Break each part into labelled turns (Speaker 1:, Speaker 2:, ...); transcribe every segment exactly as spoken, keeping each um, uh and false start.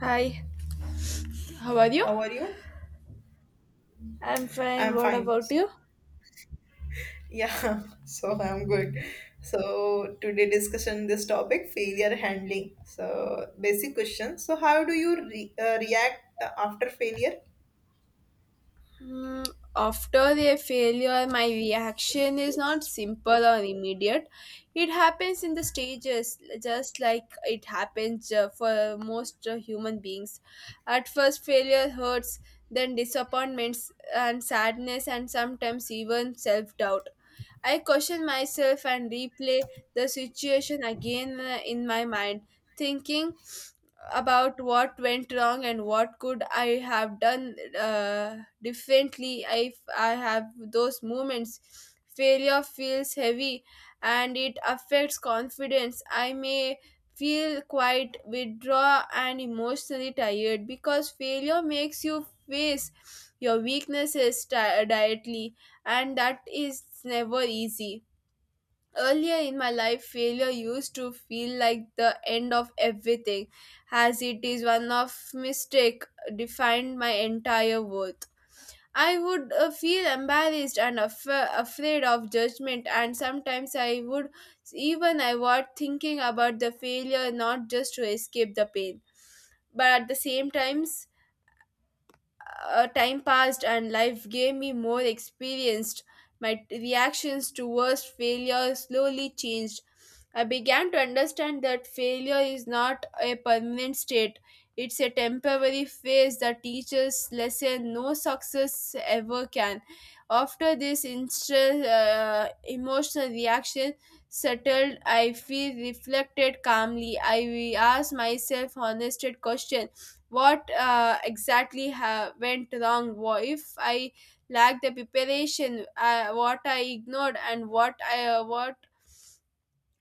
Speaker 1: Hi, how are you?
Speaker 2: How are you?
Speaker 1: I'm fine.
Speaker 2: I'm
Speaker 1: What
Speaker 2: fine.
Speaker 1: about you?
Speaker 2: Yeah, so I'm good. So today discussion this topic failure handling. So basic question. So how do you re uh, react after failure?
Speaker 1: Hmm, After a failure, my reaction is not
Speaker 2: Yes.
Speaker 1: simple or immediate. It happens in the stages, just like it happens uh, for most uh, human beings. At first, failure hurts, then disappointments and sadness, and sometimes even self doubt. I question myself and replay the situation again uh, in my mind, thinking about what went wrong and what could I have done uh, differently if I have those moments. Failure feels heavy and it affects confidence. I may feel quite withdrawn and emotionally tired because failure makes you face your weaknesses di- directly and that is never easy. Earlier in my life, failure used to feel like the end of everything, as it is one of mistake defined my entire worth. I would uh, feel embarrassed and af- afraid of judgment, and sometimes I would even avoid thinking about the failure, not just to escape the pain but at the same times uh, time passed and life gave me more experienced my t- reactions towards failure slowly changed. I began to understand that failure is not a permanent state, it's a temporary phase that teaches lesson no success ever can. After this instant uh, emotional reaction settled, I feel reflected calmly. I asked myself honest question, what uh, exactly ha- went wrong, wha- if I lacked the preparation, uh, what I ignored, and what I uh, what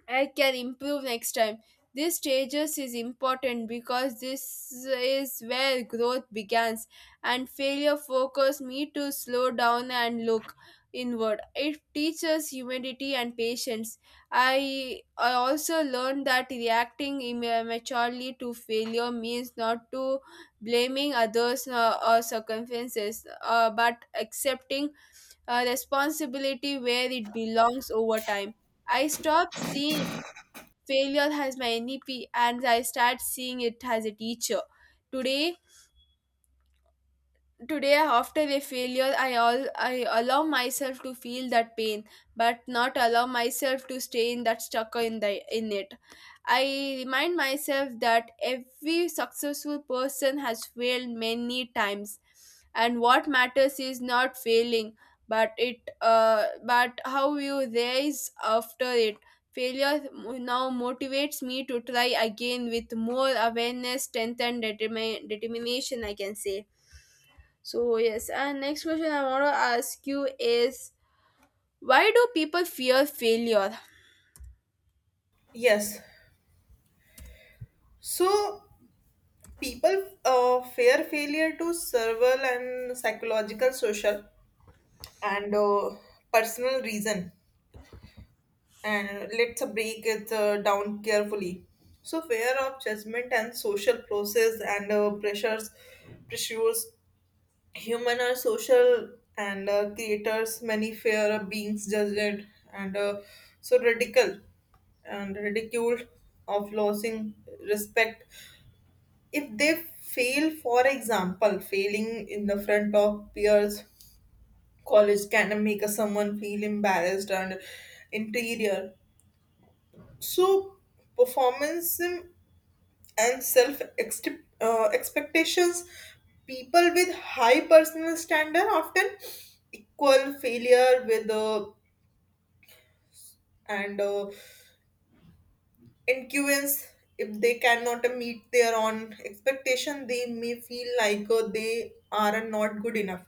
Speaker 1: I can improve next time. This stages is important because this is where growth begins and failure forces me to slow down and look inward. It teaches humility and patience. I, I also learned that reacting immaturely to failure means not to blaming others uh, or circumstances, uh, but accepting uh, responsibility where it belongs over time. I stopped seeing failure has many p, and I start seeing it as a teacher. Today, Today, after a failure, I all I allow myself to feel that pain, but not allow myself to stay in that stuck in the in it. I remind myself that every successful person has failed many times, and what matters is not failing, but it uh, but how you rise after it. Failure now motivates me to try again with more awareness, strength, and determi- determination, I can say. So yes, and next question I want to ask you is, why do people fear failure?
Speaker 2: Yes. So people uh, fear failure to several and psychological, social, and uh, personal reason. And let's break it uh, down carefully. So, fear of judgment and social process and uh, pressures, pressures, human are social and uh, creators. Many fear of being judged and uh, so radical and ridiculed of losing respect if they fail. For example, failing in the front of peers, college can make a someone feel embarrassed and interior. So, performanceism and self uh, expectations, people with high personal standard often equal failure with uh, and uh, influence. If they cannot meet their own expectation they may feel like uh, they are not good enough.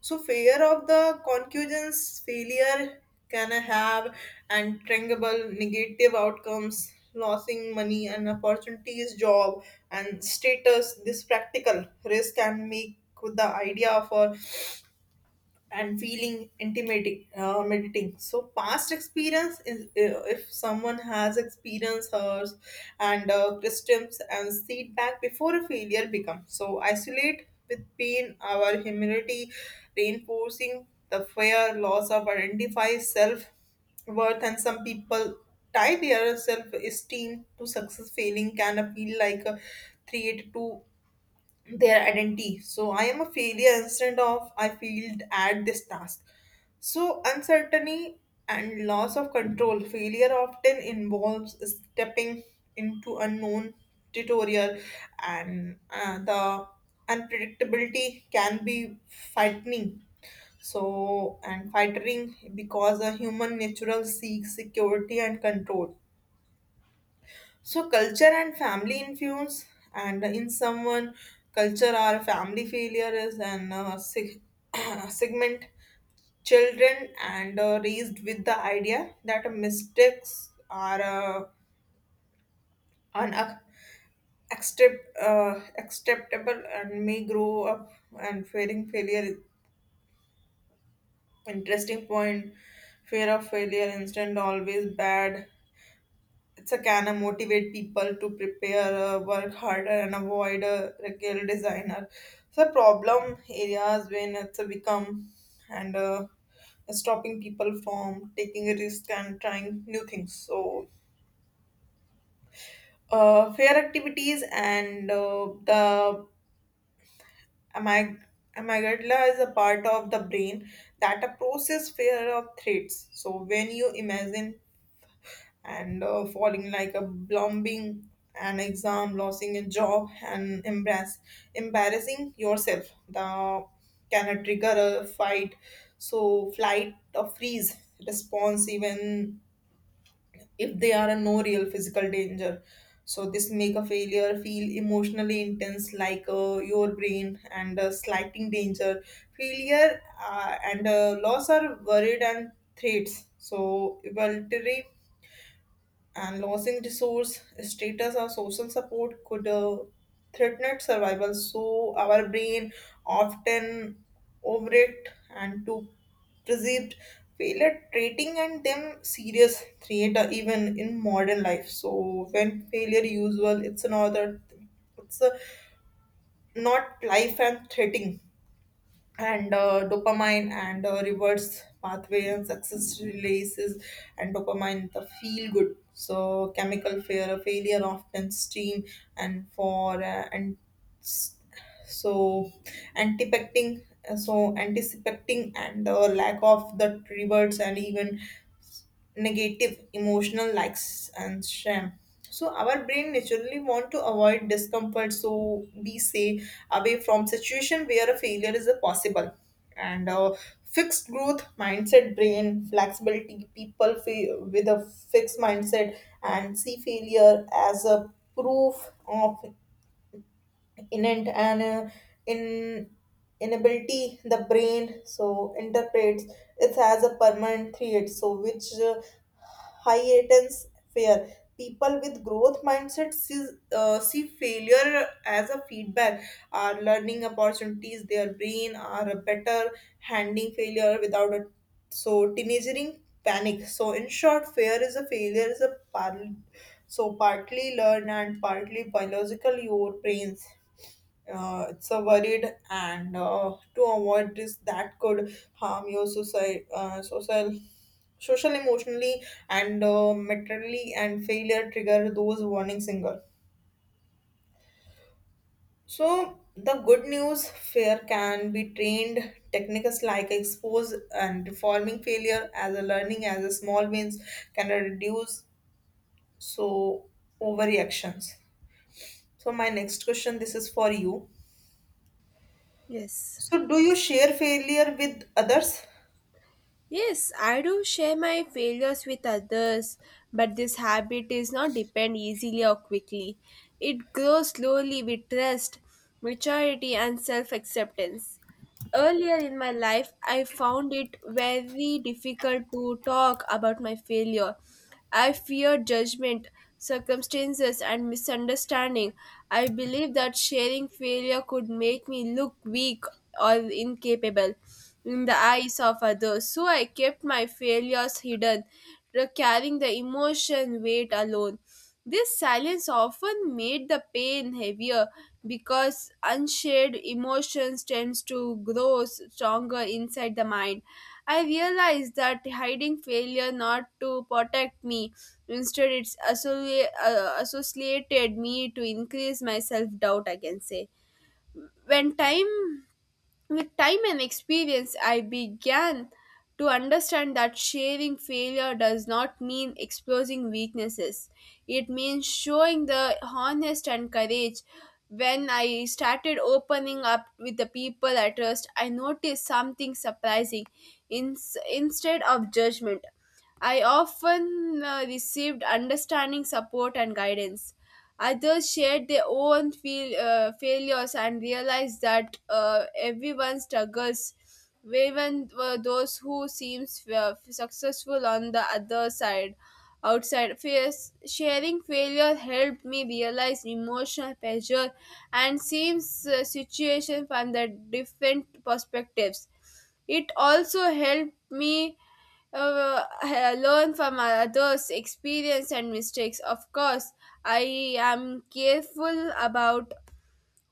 Speaker 2: So fear of the concubines failure can have untangible negative outcomes losing money and opportunities job and status. This practical risk can make the idea of a and feeling intimidating, uh, meditating. So past experience is uh, if someone has experienced hers and uh, systems and feedback before a failure becomes so isolate with pain our humility reinforcing the fear loss of identify self worth, and some people tie their self esteem to success. Failing can feel like a threat to their identity. So I am a failure instead of I failed at this task. So uncertainty and loss of control. Failure often involves stepping into unknown territory, and uh, the unpredictability can be frightening. So and frightening because a human natural seeks security and control. So culture and family influence, and in someone, culture or family failure is an uh, sig- segment. Children and uh, raised with the idea that mistakes are uh, unac- accept- uh, acceptable and may grow up and fearing failure. Interesting point. Fear of failure instant always bad. It's a can of motivate people to prepare, uh, work harder, and avoid a regular designer. So problem areas when it's a become and uh, stopping people from taking a risk and trying new things. So uh, fair activities and uh, the amyg- amygdala is a part of the brain that a process fear of threats. So when you imagine and uh, falling like a blombing an exam losing a job and embarrass, embarrassing yourself the can trigger a fight, so flight or freeze response even if they are a no real physical danger. So this make a failure feel emotionally intense, like uh, your brain and uh, slighting danger failure uh, and uh, loss are worried and threats. So evolutionary and losing resource status or social support could uh, threaten its survival, so our brain often overreact and to perceived failure treating and them serious threat uh, even in modern life. So when failure usual it's another, it's uh, not life and threatening and uh, dopamine and uh, reverse pathway and success releases and dopamine the feel good, so chemical fear failure often steam and for uh, and s- so anticipating, so anticipating and uh, lack of the rewards and even negative emotional likes and shame. So our brain naturally want to avoid discomfort, so we say away from situation where a failure is a possible and uh, fixed growth mindset brain flexibility people fa- with a fixed mindset and see failure as a proof of innate and uh, in inability. The brain so interprets it as a permanent threat, so which uh, heightens fear. People with growth mindset see, uh, see failure as a feedback are learning opportunities. Their brain are better handling failure without a so teenagering panic. So in short fear is a failure is a par- so partly learned and partly biological. Your brains uh, it's a worried and uh, to avoid this that could harm your society uh, social social emotionally and uh, materially, and failure trigger those warning signals. So the good news fear can be trained, techniques like expose and reforming failure as a learning as a small wins can reduce so overreactions. So my next question, this is for you,
Speaker 1: Yes.
Speaker 2: so do you share failure with others.
Speaker 1: Yes, I do share my failures with others, but this habit is not depend easily or quickly. It grows slowly with trust, maturity and self-acceptance. Earlier in my life, I found it very difficult to talk about my failure. I feared judgment, circumstances, and misunderstanding. I believed that sharing failure could make me look weak or incapable in the eyes of others, so I kept my failures hidden, carrying the emotion weight alone. This silence often made the pain heavier because unshared emotions tends to grow stronger inside the mind. I realized that hiding failure not to protect me, instead it's associ- uh, associated me to increase my self doubt, I can say. When time With time and experience, I began to understand that sharing failure does not mean exposing weaknesses. It means showing the honest and courage. When I started opening up with the people I trust, I noticed something surprising. In, Instead of judgment, I often uh, received understanding, support, and guidance. Others shared their own feel, uh, failures and realized that uh, everyone struggles, even uh, those who seem successful on the other side. Outside face, sharing failure helped me realize emotional pressure and seems uh, situation from the different perspectives. It also helped me uh, uh, learn from others' experience and mistakes. Of course, I am careful about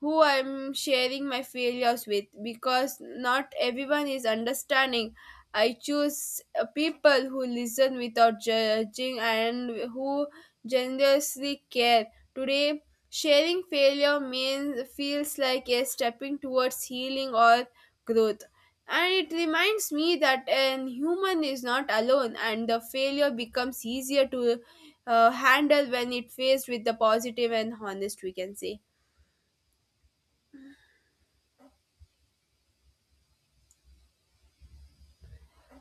Speaker 1: who I'm sharing my failures with because not everyone is understanding. I choose uh, people who listen without judging and who generously care. Today, sharing failure means feels like a stepping towards healing or growth. And it reminds me that an human is not alone, and the failure becomes easier to uh, handle when it faced with the positive and honest, we can say.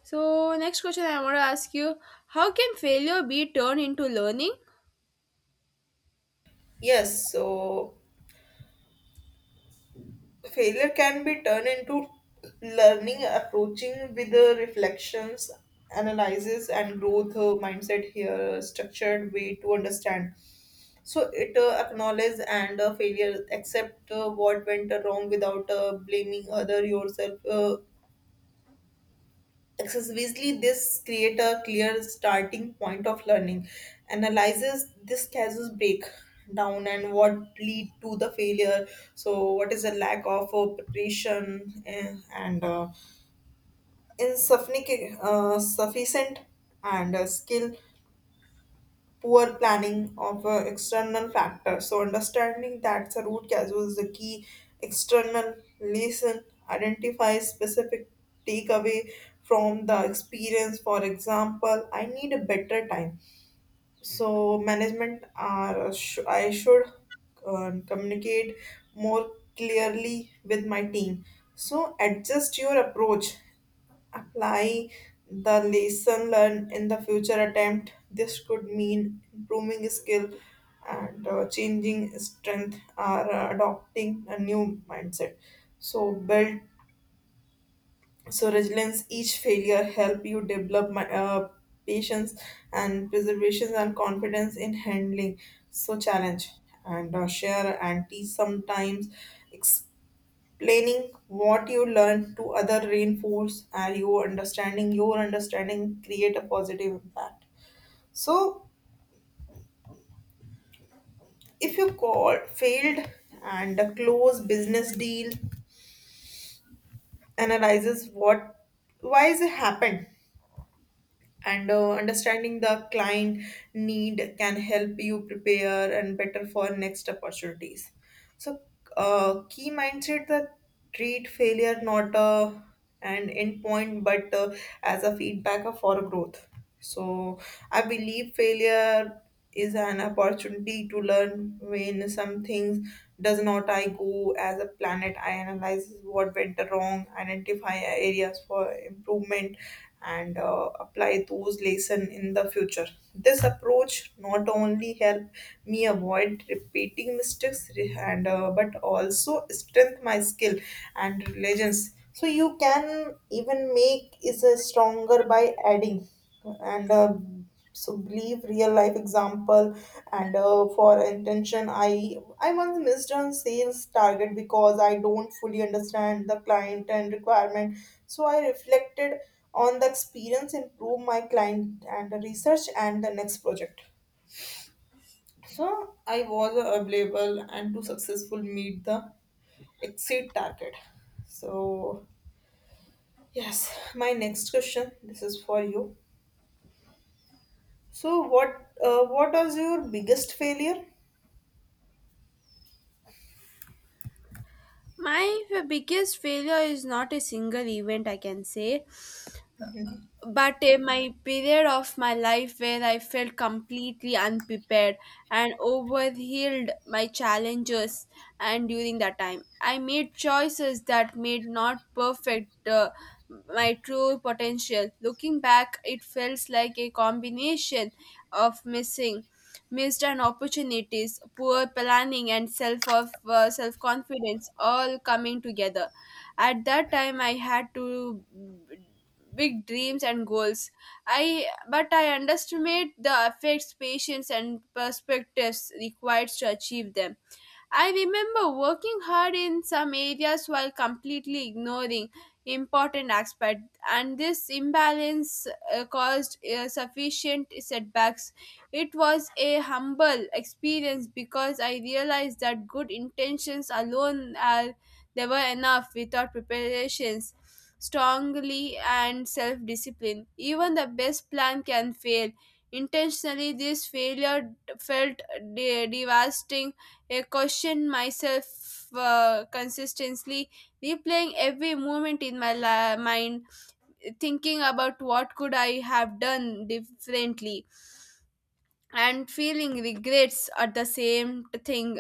Speaker 1: So, next question I want to ask you, how can failure be turned into learning?
Speaker 2: Yes, so failure can be turned into learning, approaching with the reflections, analysis, and growth uh, mindset. Here, structured way to understand. So it uh, acknowledge and uh, failure, accept uh, what went wrong without uh, blaming other yourself. Uh, Excessively, this create a clear starting point of learning, analyzes this casus break down and what lead to the failure. So, what is the lack of uh, preparation eh, and uh, insufficient, uh, sufficient and uh, skill poor planning of an external factor. So understanding that's a root cause was the key external lesson, identify specific takeaway from the experience. For example, I need a better time. So management are sh- I should um, communicate more clearly with my team. So adjust your approach apply the lesson learned in the future attempt. This could mean improving skill and uh, changing strength or uh, adopting a new mindset. So build so resilience. Each failure help you develop my, uh, patience and preservation and confidence in handling so challenge and uh, share and teach sometimes. Planning what you learn to other reinforce and your understanding, your understanding create a positive impact. So if you call failed and a close business deal analyzes what why is it happened and uh, understanding the client need can help you prepare and better for next opportunities. So uh, key mindset that treat failure not uh, an endpoint but uh, as a feedback for growth. So I believe failure is an opportunity to learn when some things does not I go as a planet. I analyze what went wrong, identify areas for improvement, and uh, apply those lesson in the future. This approach not only help me avoid repeating mistakes re- and uh, but also strengthen my skill and religions, so you can even make is a stronger by adding and uh, so believe real life example and uh, for intention I I once missed on sales target because I don't fully understand the client and requirement. So I reflected on the experience, improve my client and research and the next project. So I was available and to successful meet the exceed target. So yes, my next question. This is for you. So, what uh, what was your biggest failure?
Speaker 1: My f- biggest failure is not a single event, I can say, but uh, my period of my life where I felt completely unprepared and overhealed my challenges. And during that time I made choices that made not perfect uh, my true potential. Looking back, it feels like a combination of missing missed and opportunities, poor planning and self of uh, self confidence all coming together. At that time, I had to big dreams and goals. I but I underestimate the effects, patience, and perspectives required to achieve them. I remember working hard in some areas while completely ignoring important aspects, and this imbalance uh, caused uh, sufficient setbacks. It was a humble experience because I realized that good intentions alone are never enough without preparations. Strongly and self discipline. Even the best plan can fail. Intentionally, this failure felt de- devastating. I question myself uh, consistently, replaying every moment in my la- mind, thinking about what could I have done differently and feeling regrets at the same thing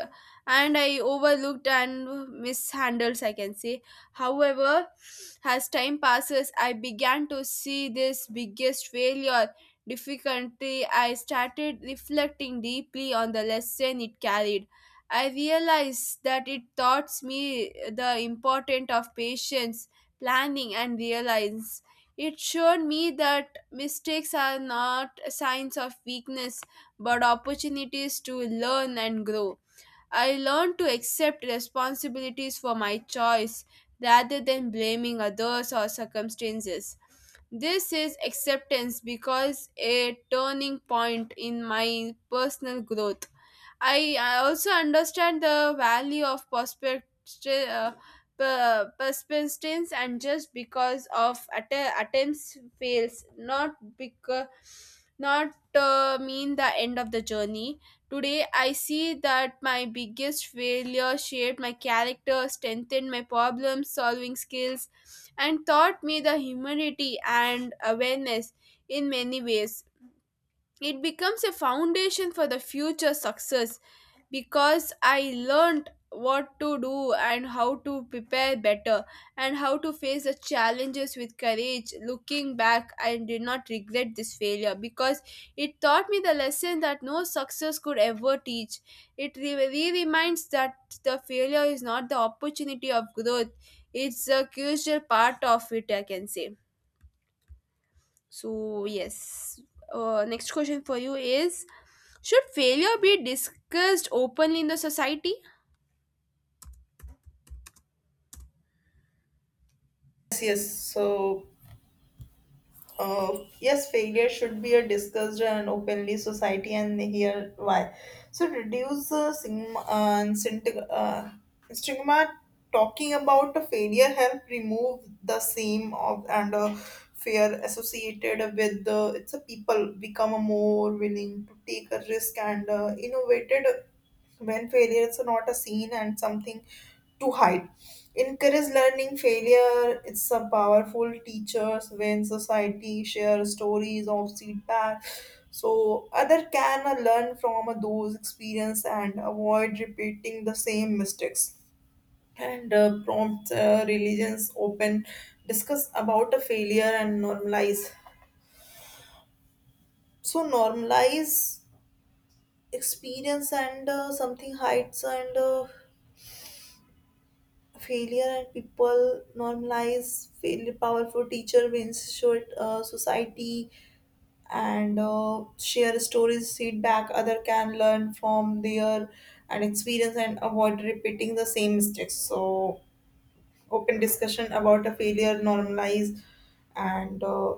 Speaker 1: and I overlooked and mishandles, I can say. However, as time passes, I began to see this biggest failure difficulty. I started reflecting deeply on the lesson it carried. I realized that it taught me the importance of patience, planning and reliance. It showed me that mistakes are not signs of weakness but opportunities to learn and grow. I learned to accept responsibilities for my choice rather than blaming others or circumstances. This is acceptance because a turning point in my personal growth. I I also understand the value of perspective, uh, per- persistence, and just because of att- attempts fails, not because not uh, mean the end of the journey. Today, I see that my biggest failure shaped my character, strengthened my problem solving skills, and taught me the humility and awareness in many ways. It becomes a foundation for the future success because I learned what to do and how to prepare better and how to face the challenges with courage. Looking back, I did not regret this failure because it taught me the lesson that no success could ever teach. It re- really reminds that the failure is not the opportunity of growth, it's a crucial part of it, I can say. So, yes. Uh, next question for you is, should failure be discussed openly in the society?
Speaker 2: Yes, yes. So, uh, yes, failure should be a discussed and openly society, and here why. So reduce the stigma, uh, and synti- uh, stigma. Talking about a failure help remove the shame of and uh, fear associated with the it's a people become more willing to take a risk and uh, innovated when failure is not a scene and something to hide. Encourage learning failure. It's a powerful teachers when society share stories of feedback. So other can uh, learn from uh, those experience and avoid repeating the same mistakes. And uh, prompt uh, religions open discuss about a failure and normalize. So normalize experience and uh, something heights and uh, failure and people normalize failure powerful teacher wins short uh, society and uh, share stories feedback other can learn from their and experience and avoid repeating the same mistakes. So open discussion about a failure normalize and uh,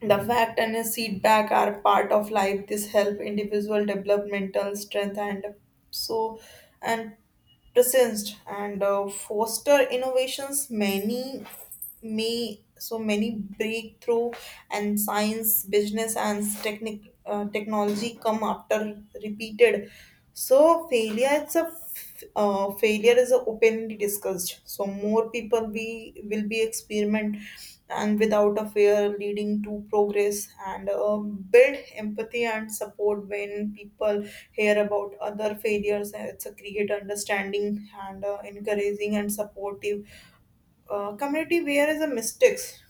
Speaker 2: the fact and his feedback are part of life. This help individual developmental strength and so and presence and uh, foster innovations. Many me So many breakthrough and science business and technic uh, technology come after repeated so failure. It's a f- uh, failure is openly discussed so more people we will be experiment and without a fear leading to progress and uh, build empathy and support. When people hear about other failures it's a create understanding and uh, encouraging and supportive uh, community where is a mistakes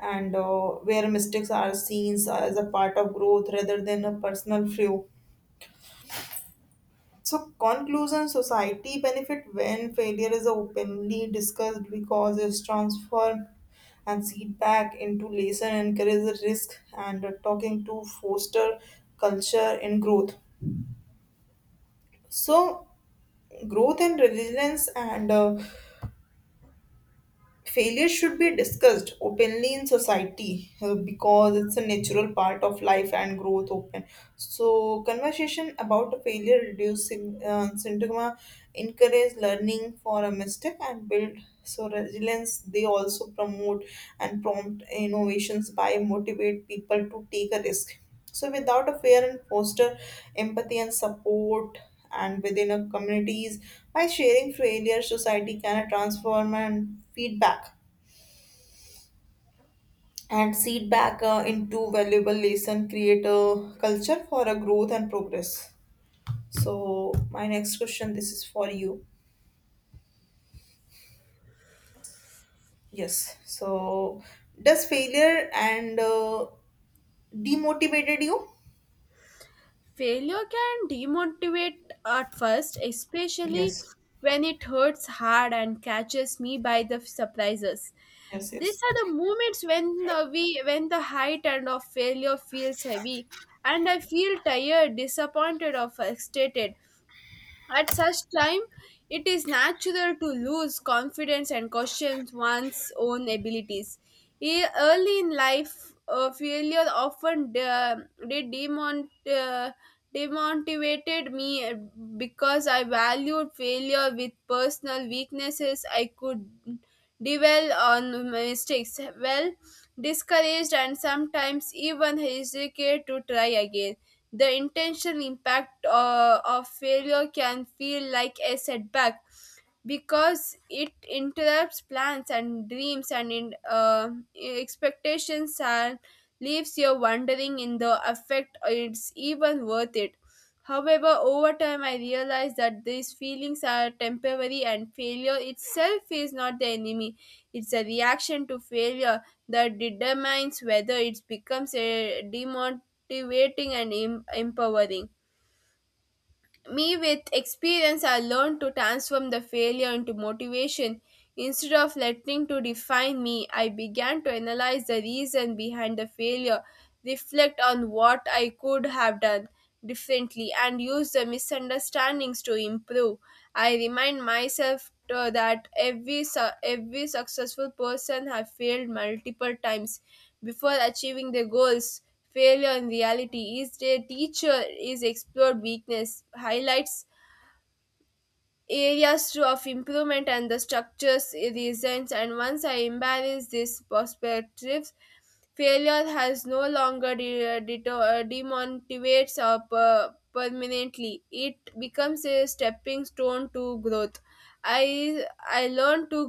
Speaker 2: and uh, where mistakes are seen as a part of growth rather than a personal flaw. So, conclusion society benefit when failure is openly discussed because it's transformed and feedback into lesson encourages risk and talking to foster culture and growth. So, growth and resilience and uh, failure should be discussed openly in society uh, because it's a natural part of life and growth open, so conversation about a failure reducing uh, stigma encourage learning for a mistake and build so resilience. They also promote and prompt innovations by motivate people to take a risk so without a fair and foster empathy and support and within a communities. By sharing failure society can transform and feedback and feedback uh, into valuable lesson create a culture for a growth and progress. So my next question this is for you. Yes. So does failure and uh, demotivated you?
Speaker 1: Failure can demotivate at first, especially
Speaker 2: Yes.
Speaker 1: when it hurts hard and catches me by the surprises.
Speaker 2: Yes,
Speaker 1: These
Speaker 2: yes.
Speaker 1: are the moments when uh, we when the height and of failure feels heavy and I feel tired, disappointed or frustrated. At such time, it is natural to lose confidence and question one's own abilities. E- Early in life, uh, failure often de- de- demon- uh, demotivated me because I valued failure with personal weaknesses. I could dwell on my mistakes, well discouraged, and sometimes even hesitate to try again. The intentional impact uh, of failure can feel like a setback because it interrupts plans and dreams and in, uh, expectations and leaves you wondering in the effect it's even worth it. However, over time, I realized that these feelings are temporary and failure itself is not the enemy. It's a reaction to failure that determines whether it becomes a demotivating and em- empowering. Me with experience, I learned to transform the failure into motivation. Instead of letting to define me, I began to analyze the reason behind the failure, reflect on what I could have done differently, and use the misunderstandings to improve. I remind myself to- that every su- every successful person have failed multiple times before achieving their goals. Failure in reality is their teacher, is explored weakness, highlights areas to- of improvement and the structures reasons. And once I embrace these perspectives, failure has no longer de- deto- uh, demotivates or per- permanently. It becomes a stepping stone to growth. I i learned to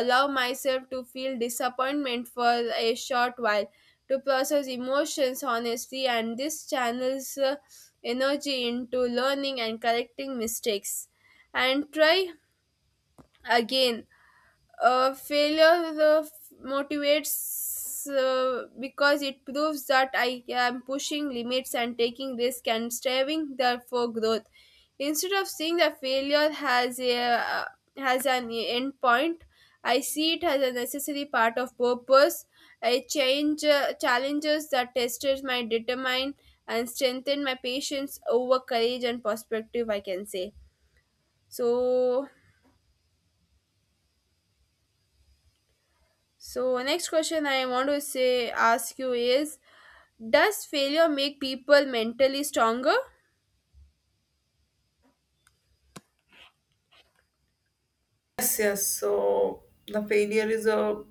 Speaker 1: allow myself to feel disappointment for a short while to process emotions honestly and this channels uh, energy into learning and correcting mistakes and try again. Uh, failure uh, motivates uh, because it proves that I am pushing limits and taking risk and striving there for growth. Instead of seeing that failure has a uh, has an end point, I see it as a necessary part of purpose. I change uh, challenges that tested my determine and strengthen my patience over courage and perspective, I can say. So, so next question I want to say ask you is, does failure make people mentally stronger?
Speaker 2: Yes, yes. So the failure is a,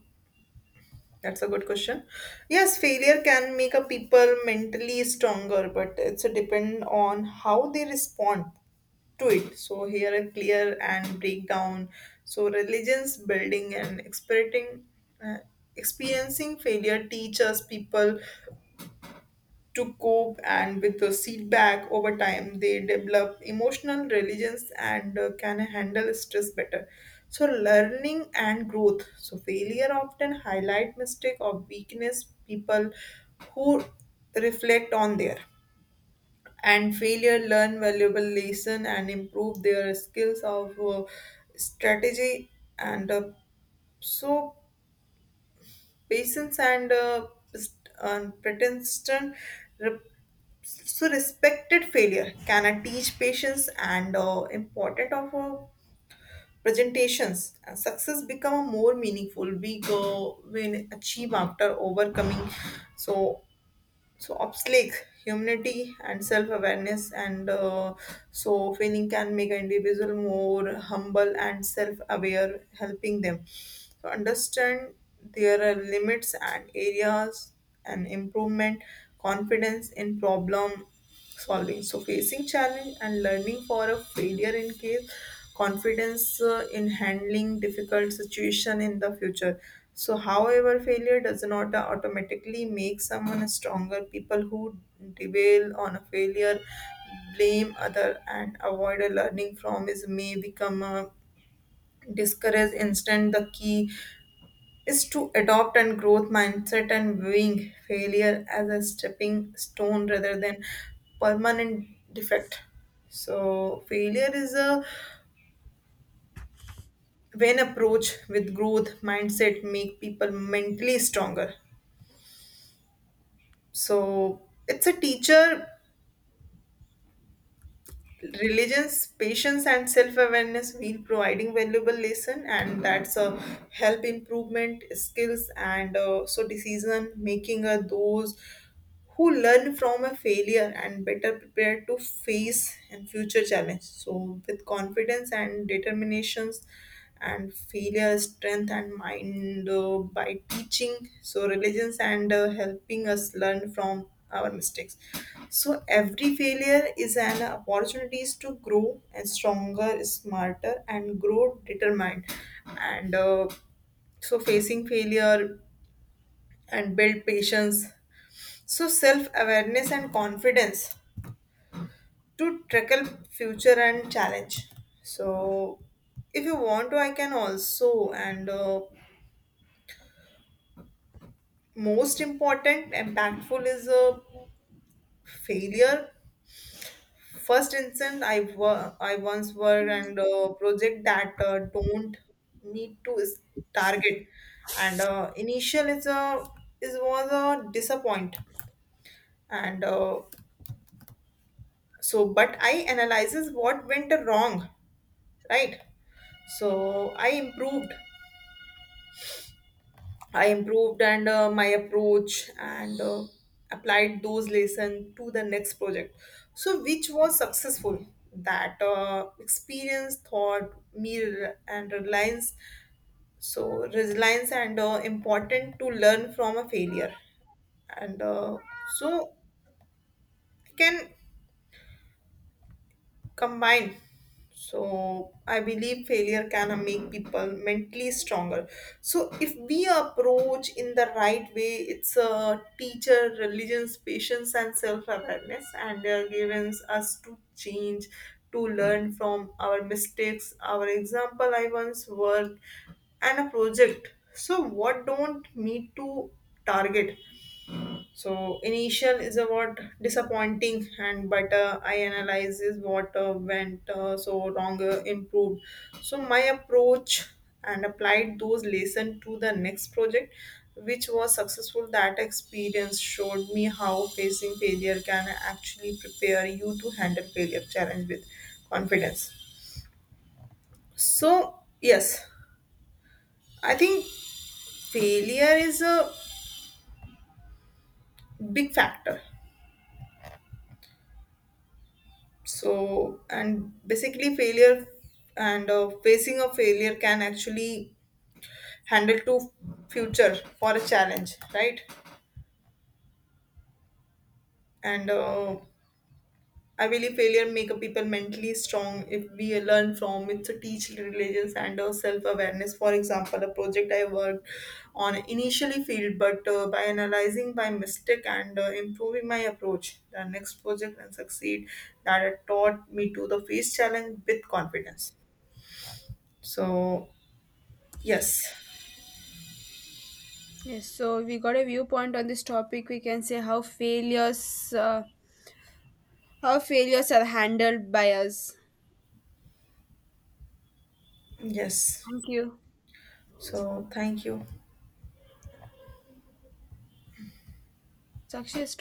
Speaker 2: that's a good question. Yes, failure can make a people mentally stronger, but it's a depend on how they respond to it. So here a clear and breakdown. So religions building and experiencing, uh, experiencing failure teaches people to cope and with the feedback. Over time they develop emotional resilience and uh, can handle stress better. So learning and growth, so failure often highlight mistake or weakness. People who reflect on their and failure learn valuable lesson and improve their skills of uh, strategy and uh, so patience and uh, pres- and persistent. So respected failure can I teach patience and uh, important of uh, presentations, and success become a more meaningful we go when achieve after overcoming, so so obstacle. Humility and self-awareness, and uh, so failing can make an individual more humble and self-aware, helping them so understand there are limits and areas and improvement. Confidence in problem solving, so facing challenge and learning for a failure in case confidence uh, in handling difficult situation in the future. So however, failure does not automatically make someone stronger. People who dwell on a failure, blame other and avoid a learning from is, may become a discouraged instant. The key is to adopt and growth mindset and viewing failure as a stepping stone rather than permanent defect. So failure is a when approach with growth mindset make people mentally stronger. So it's a teacher, religions, patience and self-awareness will providing valuable lesson, and that's a help improvement skills and uh, so decision making. Are those who learn from a failure and better prepared to face and future challenge so with confidence and determinations. And failure strength and mind uh, by teaching so religions and uh, helping us learn from our mistakes. So every failure is an opportunities to grow and stronger, smarter and grow determined, and uh, so facing failure and build patience, so self awareness and confidence to tackle future and challenge. So if you want to, I can also. And uh, most important, impactful is a failure. First instance, I wa- I once were and uh, project that uh, don't need to is target, and uh, initial is a is was a disappoint, and uh, so but I analyzes what went wrong, right? So i improved i improved and uh, my approach and uh, applied those lessons to the next project, so which was successful. That uh, experience thought me rel- and reliance, so resilience and uh, important to learn from a failure. And uh, so I can combined. So I believe failure can make people mentally stronger. So if we approach in the right way, it's a teacher, religions, patience, and self-awareness, and they're given us to change, to learn from our mistakes. Our example, I once worked and a project. So what don't need to target, so initial is a what disappointing, and but uh, I analyze is what uh, went uh, so wrong, uh, improved. So my approach and applied those lesson to the next project, which was successful. That experience showed me how facing failure can actually prepare you to handle failure challenge with confidence. So yes, I think failure is a big factor. So and basically failure and uh, facing a failure can actually handle to future for a challenge, right? And uh, I believe failure make a people mentally strong if we learn from it to teach religions and uh, self-awareness. For example, a project I worked on initially failed, but uh, by analyzing my mistake and uh, improving my approach the next project and succeed. That had taught me to the face challenge with confidence. So yes.
Speaker 1: Yes, so we got a viewpoint on this topic. We can say how failures uh, how failures are handled by us.
Speaker 2: Yes.
Speaker 1: Thank you.
Speaker 2: So thank you.
Speaker 1: Sakshi has